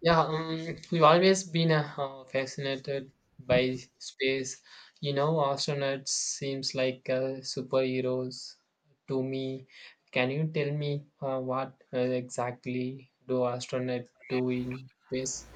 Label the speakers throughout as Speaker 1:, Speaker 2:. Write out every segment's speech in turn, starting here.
Speaker 1: Yeah, we've always been fascinated by space. Astronauts seems like superheroes to me. Can you tell me what exactly do astronauts do in space?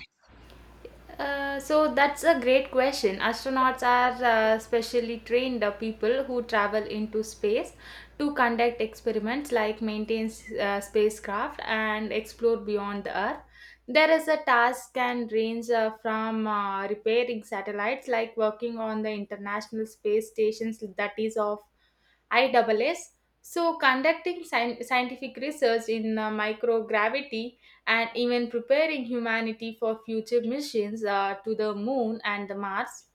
Speaker 2: So that's a great question. Astronauts are specially trained people who travel into space to conduct experiments like maintain spacecraft and explore beyond the Earth. There is a task and range from repairing satellites, like working on the International Space Stations, that is of ISS. So conducting scientific research in microgravity and even preparing humanity for future missions to the moon and the Mars.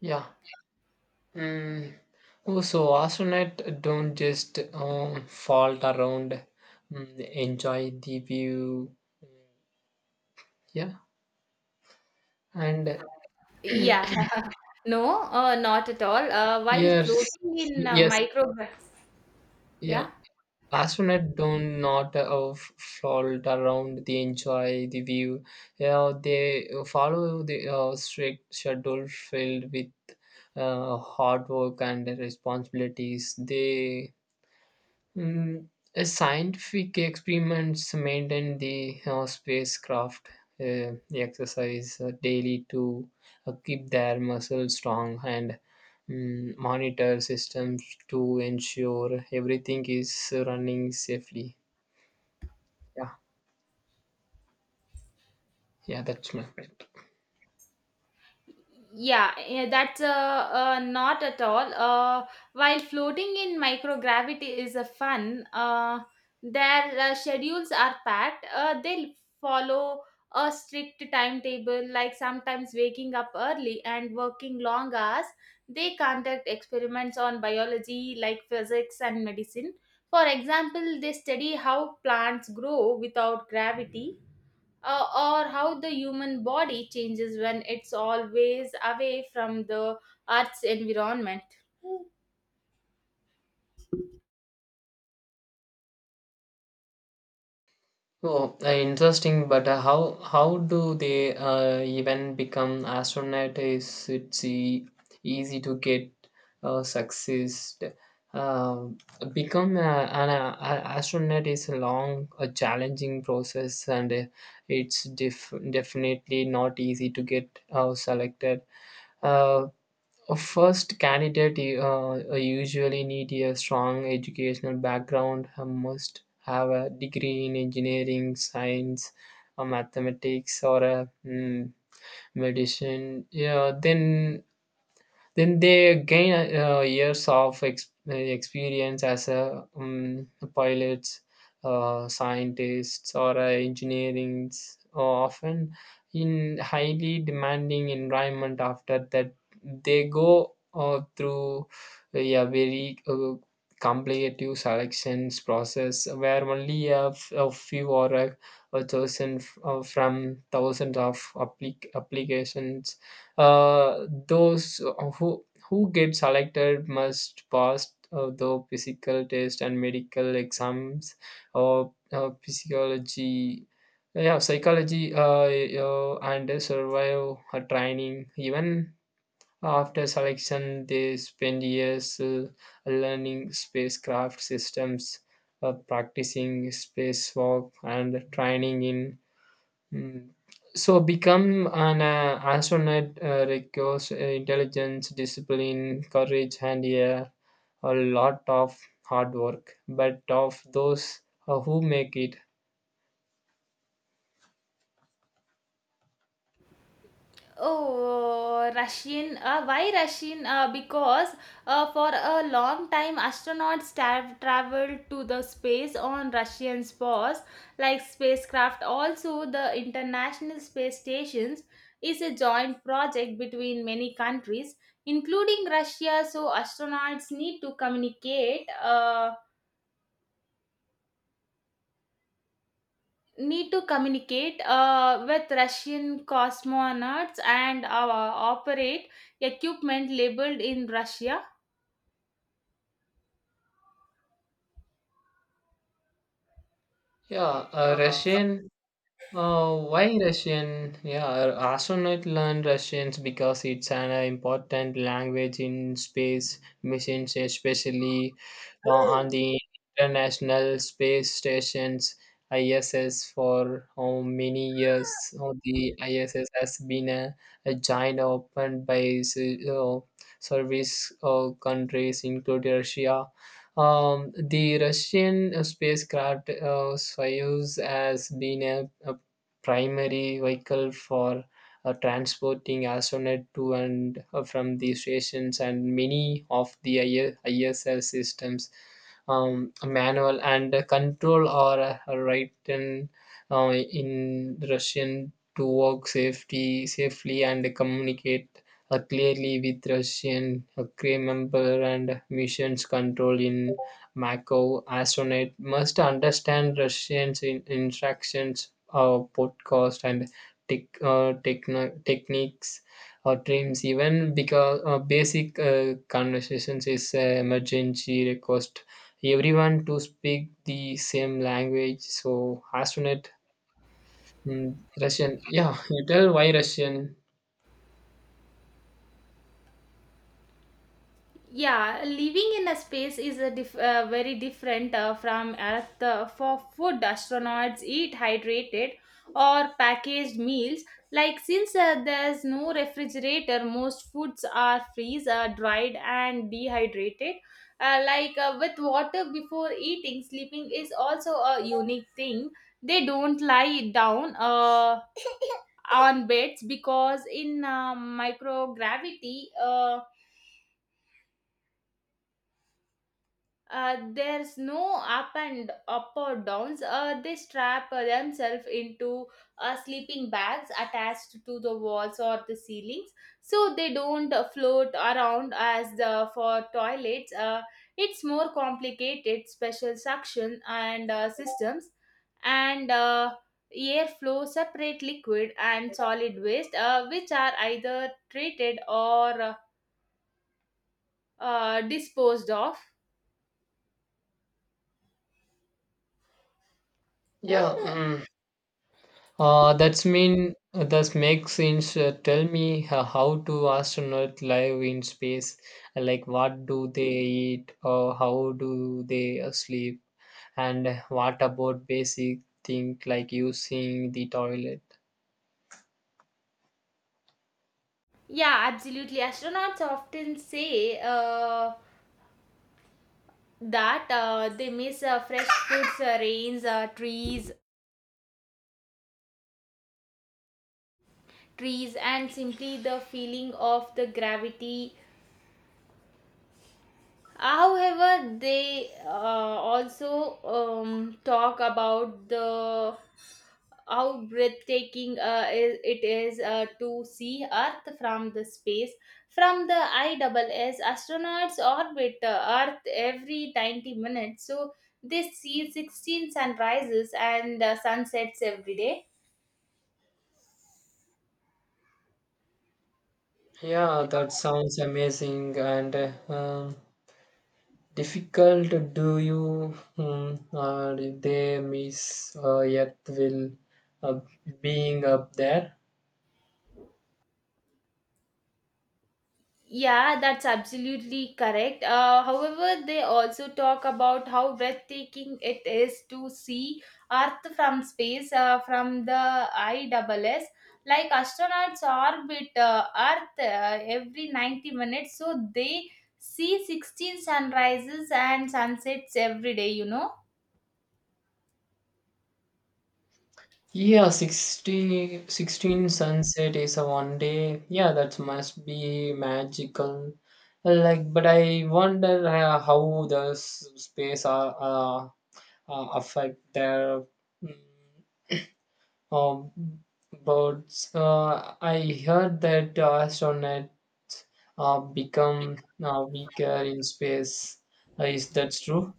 Speaker 1: Yeah. Mm. Oh, so astronauts don't just fall around, enjoy the view. Yeah, and
Speaker 2: Yeah, no, not at all. While
Speaker 1: yes,
Speaker 2: floating in
Speaker 1: yes,
Speaker 2: micro, yeah.
Speaker 1: yeah. Astronauts do not float around, they enjoy the view. Yeah, they follow the strict schedule filled with hard work and responsibilities. They Mm, scientific experiments maintain the spacecraft, exercise daily to keep their muscles strong and monitor systems to ensure everything is running safely. Yeah, yeah, that's my point.
Speaker 2: Yeah, yeah, that's not at all. While floating in microgravity is a fun, their schedules are packed. They follow a strict timetable, like sometimes waking up early and working long hours. They conduct experiments on biology, like physics and medicine. For example, they study how plants grow without gravity, uh, or how the human body changes when it's always away from the Earth's environment.
Speaker 1: Oh, interesting. But how do they even become astronaut? Is it's e- easy to get success? Um become an astronaut is a challenging process, and it's definitely not easy to get selected. Uh, a first candidate usually need a strong educational background, must have a degree in engineering, science, mathematics, or medicine. Yeah, then they gain years of experience as a pilots, scientists or engineering, often in highly demanding environment. After that they go through a very competitive selections process where only a few or a chosen from thousands of applications. Those who get selected must pass the physical test and medical exams or physiology, yeah, psychology, and survive a training. Even after selection they spend years learning spacecraft systems, practicing spacewalk and training in. Mm. So become an astronaut requires intelligence, discipline, courage, and a lot of hard work. But of those who make it,
Speaker 2: Oh, Russian. Why Russian? Because for a long time, astronauts traveled to the space on Russian spores, like spacecraft. Also, the International Space Stations is a joint project between many countries, including Russia. So, astronauts need to communicate. Need to communicate with Russian cosmonauts and operate equipment labeled in Russia.
Speaker 1: yeah, a Russian. Why Russian? Yeah, astronaut learn Russians because it's an important language in space missions, especially on the International Space Station's ISS for how many years. Oh, the ISS has been a giant opened by service countries, including Russia. The Russian spacecraft Soyuz has been a primary vehicle for transporting astronaut to and from the stations, and many of the ISL systems manual and control are written in Russian to work safety safely and communicate clearly with Russian crew member and missions control in Macau. Astronaut must understand Russian instructions, podcast and techniques or dreams, even because basic conversations is emergency request everyone to speak the same language, so astronaut, mm, russian, yeah you tell why russian,
Speaker 2: Yeah, living in a space is a very different, from Earth. For food, astronauts eat hydrated or packaged meals, like, since there's no refrigerator, most foods are freeze, dried and dehydrated, like with water before eating. Sleeping is also a unique thing. They don't lie down, on beds, because in microgravity, there's no up and up or downs. They strap themselves into sleeping bags attached to the walls or the ceilings, so they don't float around. As the for toilets, it's more complicated, special suction and systems, and airflow separate liquid and solid waste, which are either treated or disposed of.
Speaker 1: yeah. Mm. That's mean that makes sense. Tell me how do astronauts live in space? Like what do they eat or how do they sleep? And what about basic thing like using the toilet?
Speaker 2: Yeah, absolutely. Astronauts often say that they miss fresh foods, rains, trees, and simply the feeling of the gravity. However, they also talk about the how breathtaking it is to see Earth from the space. From the ISS, astronauts orbit Earth every 90 minutes, so they see 16 sunrises and sunsets every day.
Speaker 1: Yeah, that sounds amazing and difficult. Do you they miss yet will uh, being up there?
Speaker 2: Yeah, that's absolutely correct. However, they also talk about how breathtaking it is to see Earth from space, from the ISS. Like astronauts orbit Earth every 90 minutes, so they see 16 sunrises and sunsets every day.
Speaker 1: Yeah, 60, 16 sunset is a one day. Yeah, that must be magical. Like, but I wonder how the space are affect their mm, um, birds. I heard that astronauts become weaker in space. Is that true?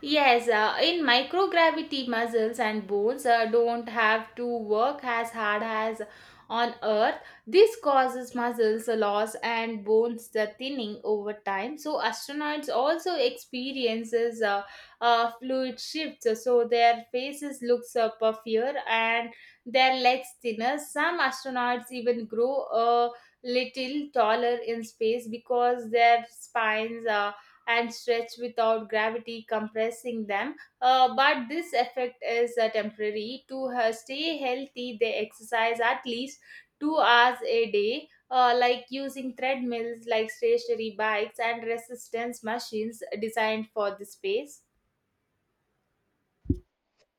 Speaker 2: Yes, in microgravity, muscles and bones don't have to work as hard as on Earth. This causes muscles loss and bones the thinning over time. So astronauts also experiences fluid shifts, so their faces looks puffier and their legs thinner. Some astronauts even grow a little taller in space because their spines are and stretch without gravity compressing them. But this effect is temporary. To stay healthy, they exercise at least 2 hours a day. Like using treadmills, like stationary bikes, and resistance machines designed for the space.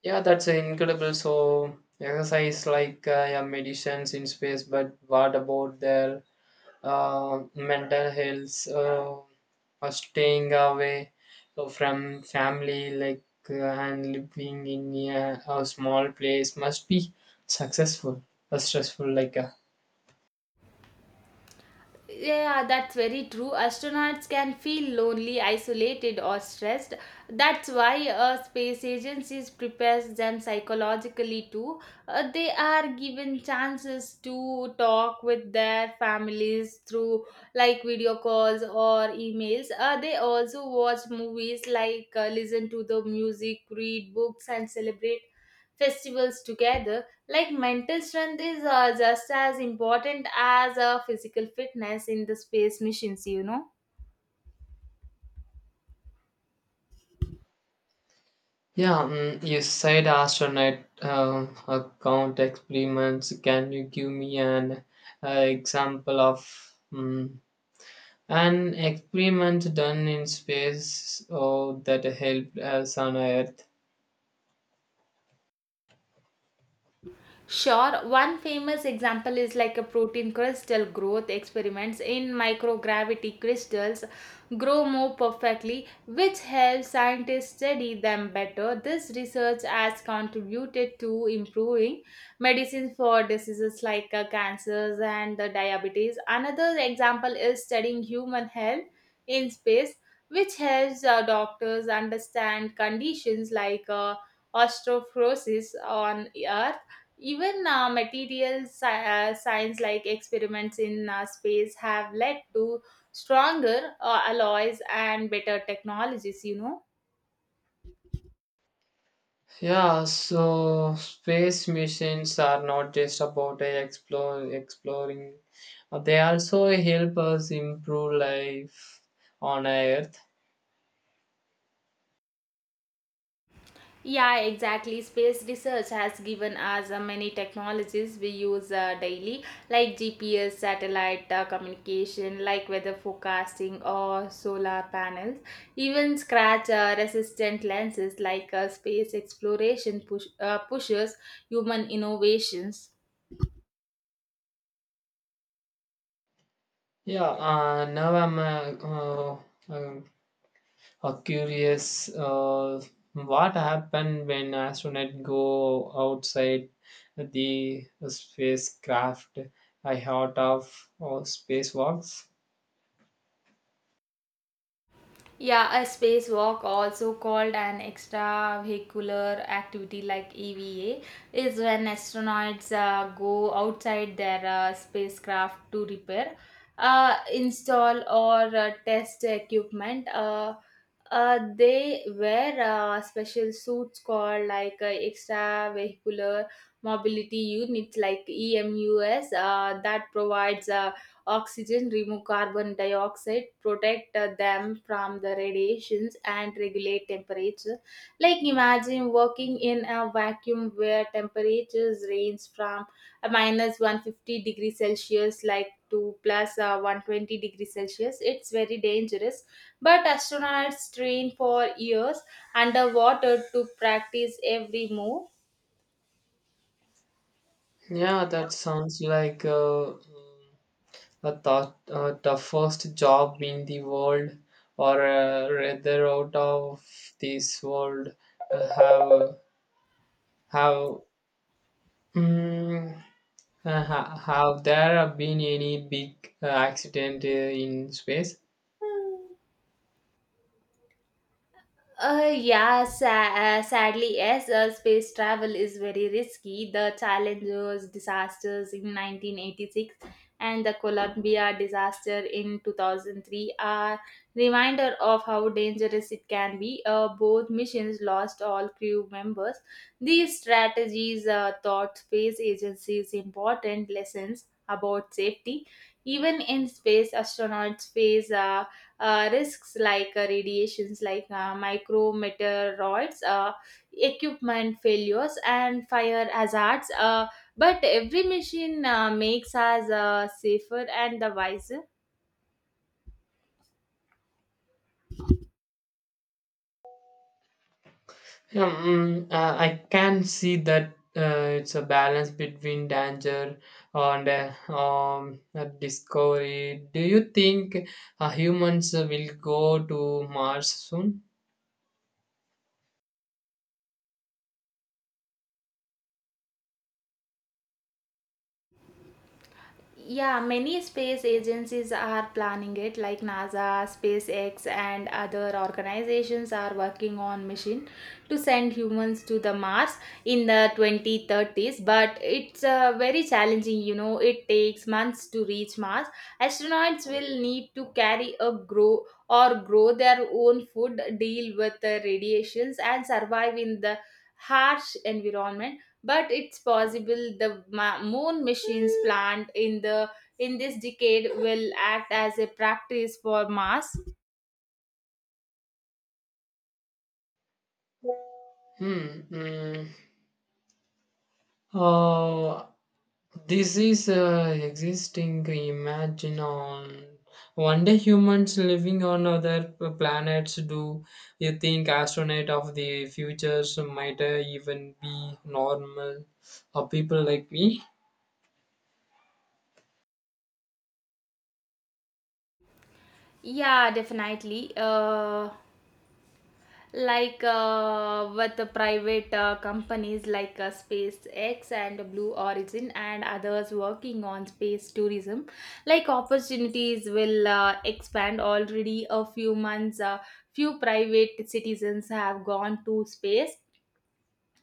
Speaker 1: Yeah, that's incredible. So exercise like, yeah, medicines in space, but what about their mental health? Or staying away so from family, like, and living in a, a small place must be successful, stressful.
Speaker 2: Yeah, that's very true. Astronauts can feel lonely, isolated, or stressed. That's why space agencies prepares them psychologically too. They are given chances to talk with their families through like video calls or emails. They also watch movies, like listen to the music, read books, and celebrate festivals together, like mental strength is just as important as physical fitness in the space missions.
Speaker 1: Yeah, you said astronaut account experiments. Can you give me an example of? Um, An experiment done in space, oh, that helped us on Earth.
Speaker 2: Sure, one famous example is like a protein crystal growth experiments in microgravity. Crystals grow more perfectly, which helps scientists study them better. This research has contributed to improving medicine for diseases like cancers and the diabetes. Another example is studying human health in space, which helps doctors understand conditions like osteoporosis on Earth. Even material science like experiments in space have led to stronger alloys and better technologies, you know.
Speaker 1: Yeah, so space missions are not just about exploring. They also help us improve life on Earth.
Speaker 2: Yeah, exactly. Space research has given us many technologies we use daily, like GPS, satellite communication, like weather forecasting, or solar panels. Even scratch resistant lenses, like space exploration pushes human innovations.
Speaker 1: Yeah, now I'm uh, curious, what happened when astronauts go outside the spacecraft? I heard of spacewalks.
Speaker 2: Yeah, a spacewalk, also called an extravehicular activity like EVA, is when astronauts go outside their spacecraft to repair, install, or test equipment. They wear special suits called like extravehicular mobility units like EMUs that provides oxygen, remove carbon dioxide, protect them from the radiations, and regulate temperature. Like imagine working in a vacuum where temperatures range from a minus 150 degree Celsius like to plus 120-degree Celsius. It's very dangerous, but astronauts train for years underwater to practice every move.
Speaker 1: Yeah, that sounds like a toughest job in the world, or rather out of this world. Uh, have have mm, have there been any big accident in space?
Speaker 2: Yeah, sadly, yes, space travel is very risky. The Challenger's disasters in 1986 and the Columbia disaster in 2003 are reminder of how dangerous it can be. Both missions lost all crew members. These strategies taught space agencies important lessons about safety. Even in space, astronauts face risks like radiations, like micrometeoroids, equipment failures, and fire hazards. But every machine makes us safer and the wiser.
Speaker 1: I can see that it's a balance between danger and discovery. Do you think humans will go to Mars soon?
Speaker 2: Yeah, many space agencies are planning it, like NASA, SpaceX, and other organizations are working on mission to send humans to the Mars in the 2030s. But it's very challenging, you know. It takes months to reach Mars. Astronauts will need to carry a grow or grow their own food, deal with the radiations, and survive in the harsh environment, but it's possible the moon missions planned in this decade will act as a practice for Mars.
Speaker 1: Hmm. Uh, this is existing imagine on one day humans living on other planets. Do you think astronaut of the futures might even be normal or people like me?
Speaker 2: Yeah, definitely. Like, with the private companies like SpaceX and Blue Origin and others working on space tourism, like opportunities will expand. Already, a few private citizens have gone to space.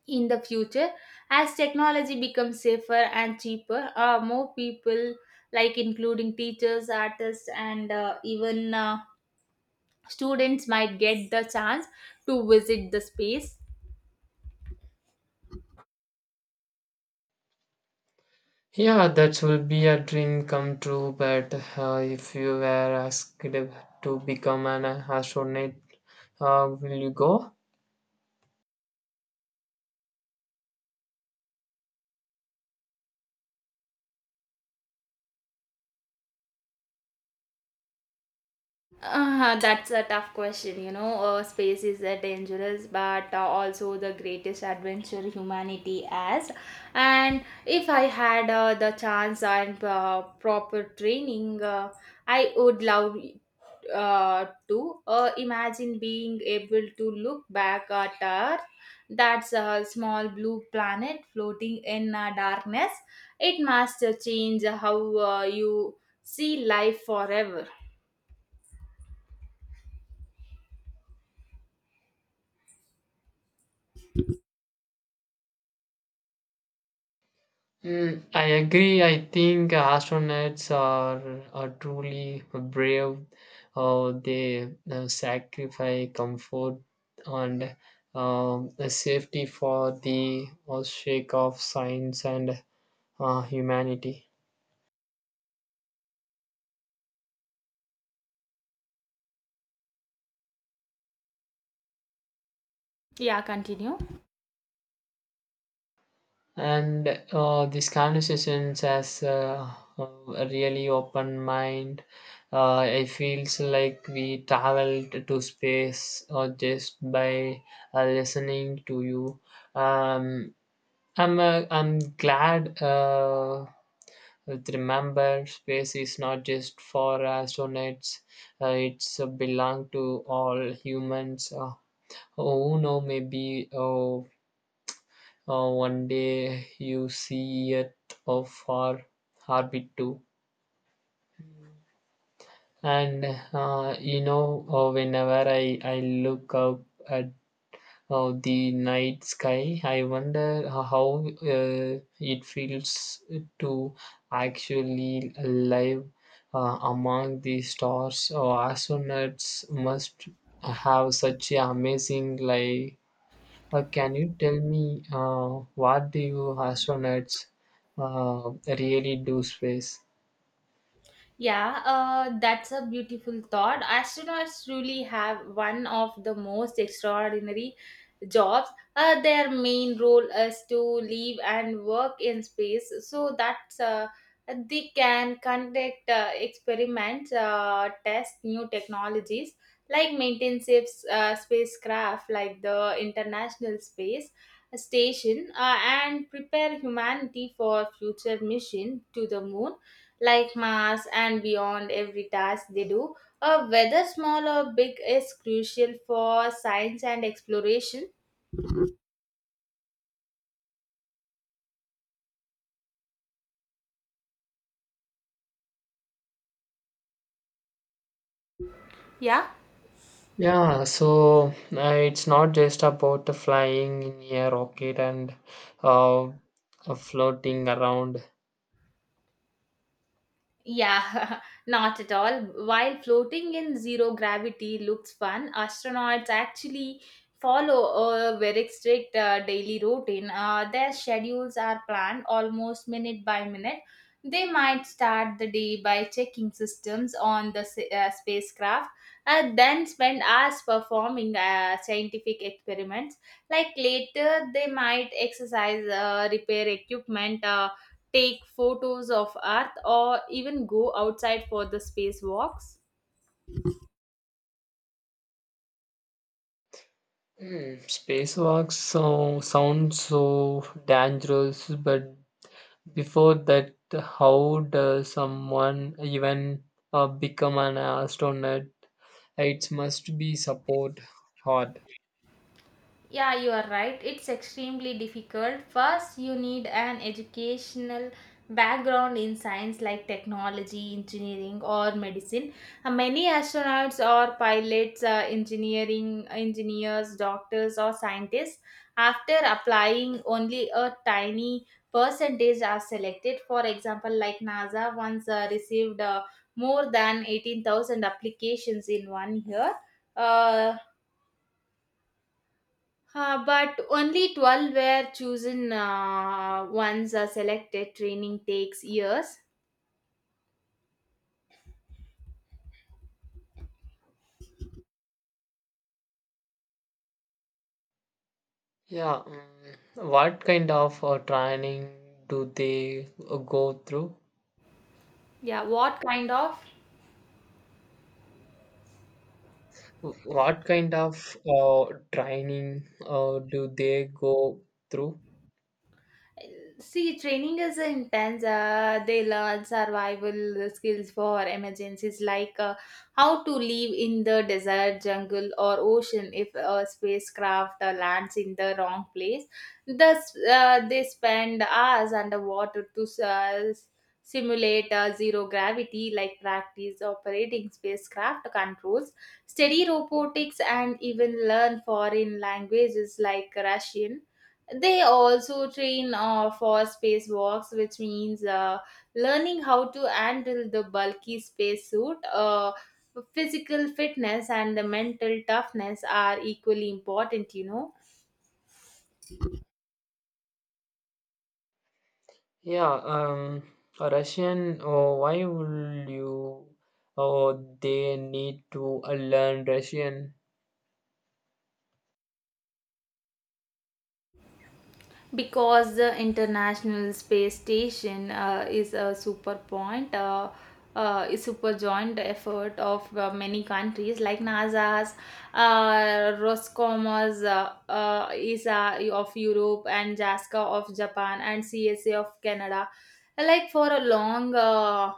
Speaker 2: In the future, as technology becomes safer and cheaper, more people, like including teachers, artists, and even students, might get the chance to visit the space.
Speaker 1: Yeah, that will be a dream come true, but if you were asked to become an astronaut, will you go?
Speaker 2: That's a tough question, you know. Space is dangerous, but also the greatest adventure humanity has. And if I had the chance and proper training, I would love to imagine being able to look back at Earth, that's a small blue planet floating in darkness. It must change how you see life forever.
Speaker 1: Mm, I agree. I think astronauts are truly brave. They sacrifice comfort and safety for the sake of science and humanity.
Speaker 2: Yeah, continue.
Speaker 1: And these conversations has a really open mind. It feels like we traveled to space or just by listening to you. Um, i'm uh, i'm glad that remember space is not just for astronauts, it's belong to all humans who know, maybe one day you see it of far orbit too. And whenever I look up at the night sky, I wonder how it feels to actually live among the stars. Oh, astronauts must have such a amazing life. Can you tell me what the astronauts really do space?
Speaker 2: Yeah, that's a beautiful thought. Astronauts truly have one of the most extraordinary jobs. Their main role is to live and work in space so that they can conduct experiments, test new technologies, like maintain ships, spacecraft like the International Space Station, and prepare humanity for future mission to the moon, like Mars, and beyond. Every task they do, whether small or big, is crucial for science and exploration. Yeah.
Speaker 1: Yeah, so it's not just about the flying in a rocket and floating around.
Speaker 2: Yeah, not at all. While floating in zero gravity looks fun, astronauts actually follow a very strict daily routine. Their schedules are planned almost minute by minute. They might start the day by checking systems on the spacecraft and then spend hours performing scientific experiments. Like later, they might exercise, repair equipment, take photos of Earth, or even go outside for the space walks.
Speaker 1: Hmm, spacewalks so, sound so dangerous, but before that, how does someone even become an astronaut? It must be support hard.
Speaker 2: Yeah, you are right. It's extremely difficult. First, you need an educational background in science, like technology, engineering, or medicine. Many astronauts or pilots, engineering engineers, doctors, or scientists. After applying, only a tiny percentage are selected. For example, like NASA once received more than 18,000 applications in one year. Uh, but only 12 were chosen. Ones are selected. Training takes years.
Speaker 1: Yeah, what kind of training do they go through?
Speaker 2: Yeah, what kind of?
Speaker 1: What kind of training do they go through?
Speaker 2: See, training is intense. They learn survival skills for emergencies, like how to live in the desert, jungle, or ocean if a spacecraft lands in the wrong place. Thus, they spend hours underwater to simulate zero gravity, like practice operating spacecraft controls, study robotics, and even learn foreign languages like Russian. They also train for spacewalks, which means learning how to handle the bulky spacesuit. Physical fitness and the mental toughness are equally important, you know.
Speaker 1: Yeah, a Russian, why will you? Oh, they need to learn Russian?
Speaker 2: Because the International Space Station is super joint effort of many countries, like NASA's, Roscommer's, ISA of Europe, and JASCA of Japan, and CSA of Canada. Like for a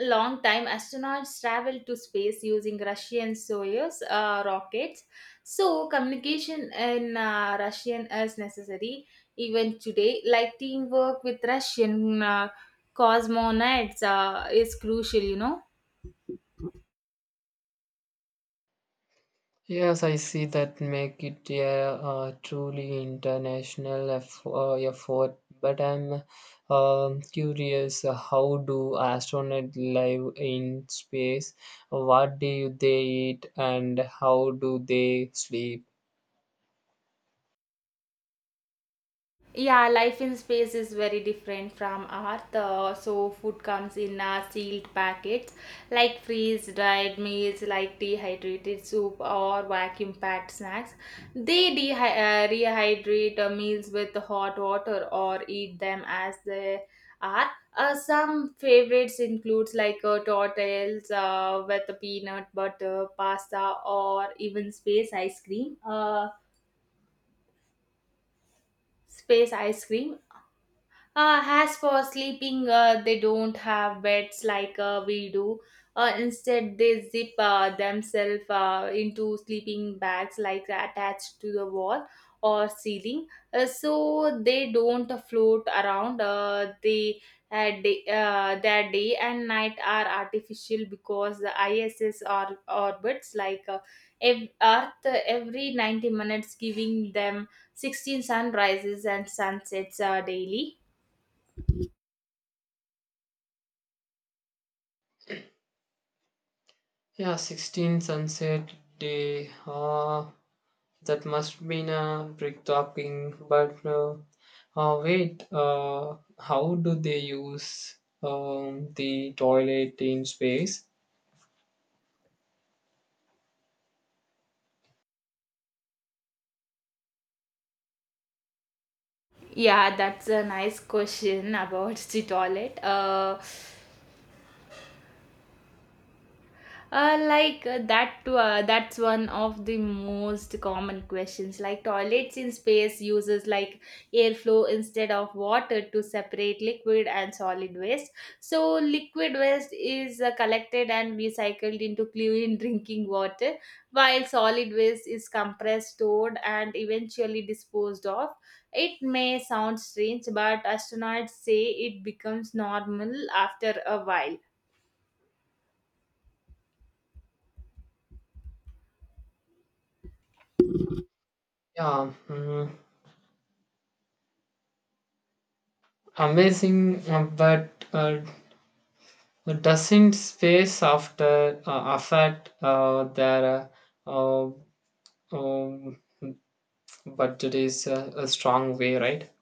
Speaker 2: long time, astronauts traveled to space using Russian Soyuz rockets, so communication in Russian is necessary. Even today, like teamwork with Russian cosmonauts is crucial, you know.
Speaker 1: Yes, I see that make it a truly international effort. But I'm curious, how do astronauts live in space? What do they eat, and how do they sleep?
Speaker 2: Yeah, life in space is very different from Earth. So food comes in sealed packets, like freeze-dried meals, like dehydrated soup or vacuum-packed snacks. They rehydrate meals with hot water or eat them as they are. Some favorites includes, like tortillas with peanut butter, pasta, or even space ice cream. Space ice cream. As for sleeping, they don't have beds like we do. Instead, they zip themselves into sleeping bags, like attached to the wall or ceiling, so they don't float around. Their day and night are artificial because the ISS or orbits, like Earth, every 90 minutes, giving them 16 sunrises and sunsets daily.
Speaker 1: Yeah, 16 sunset day. That must be a brick talking. But wait, how do they use the toilet in space?
Speaker 2: Yeah, that's a nice question about the toilet. Like, that's one of the most common questions. Like toilets in space uses like airflow instead of water to separate liquid and solid waste, so liquid waste is collected and recycled into clean drinking water, while solid waste is compressed, stored, and eventually disposed of. It may sound strange, but astronauts say it becomes normal after a while.
Speaker 1: Yeah, amazing, but doesn't space after affect their uh, uh, um, budget is a strong way, right?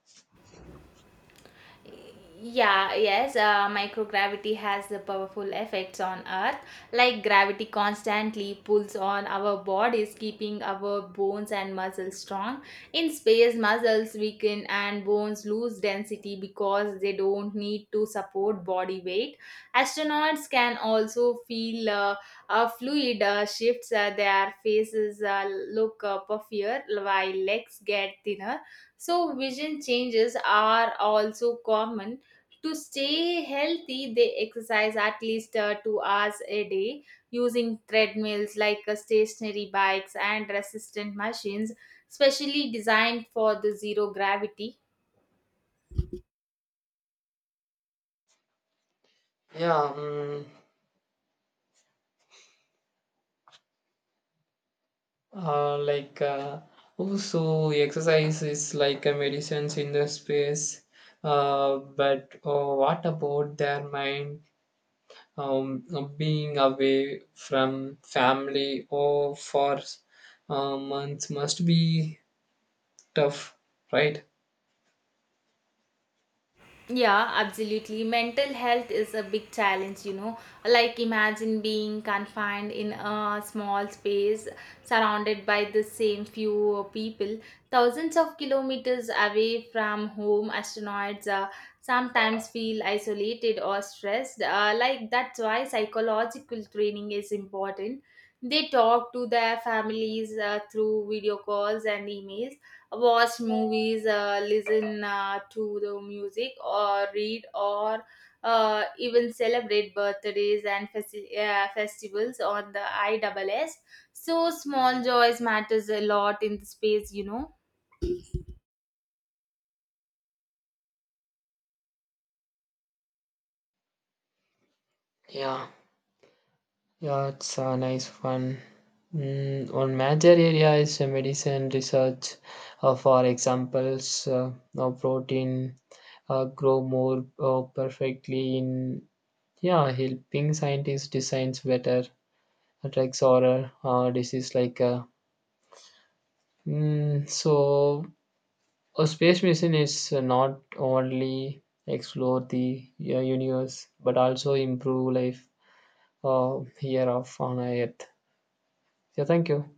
Speaker 2: Yeah, yes, microgravity has the powerful effects on Earth. Like gravity constantly pulls on our bodies, keeping our bones and muscles strong. In space, muscles weaken and bones lose density because they don't need to support body weight. Astronauts can also feel fluid shifts, their faces look puffier while legs get thinner, so, vision changes are also common. To stay healthy, they exercise at least 2 hours a day, using treadmills, like stationary bikes and resistant machines, specially designed for the zero gravity.
Speaker 1: Yeah, like also exercise is like a medicines in the space, but what about their mind? um, being away from family or for months must be tough, right?
Speaker 2: Yeah, absolutely. Mental health is a big challenge, you know. Like, imagine being confined in a small space surrounded by the same few people, thousands of kilometers away from home. Astronauts sometimes feel isolated or stressed. Like, that's why psychological training is important. They talk to their families through video calls and emails, watch movies, listen to the music, or read, or even celebrate birthdays and festivals on the ISS. So small joys matters a lot in the space, you know.
Speaker 1: Yeah, yeah, it's a nice one. Mm, one major area is medicine research. For examples, protein grow more perfectly in, yeah, helping scientists designs better drugs or disease like, so a space mission is not only explore the universe but also improve life here of on Earth. Yeah, thank you.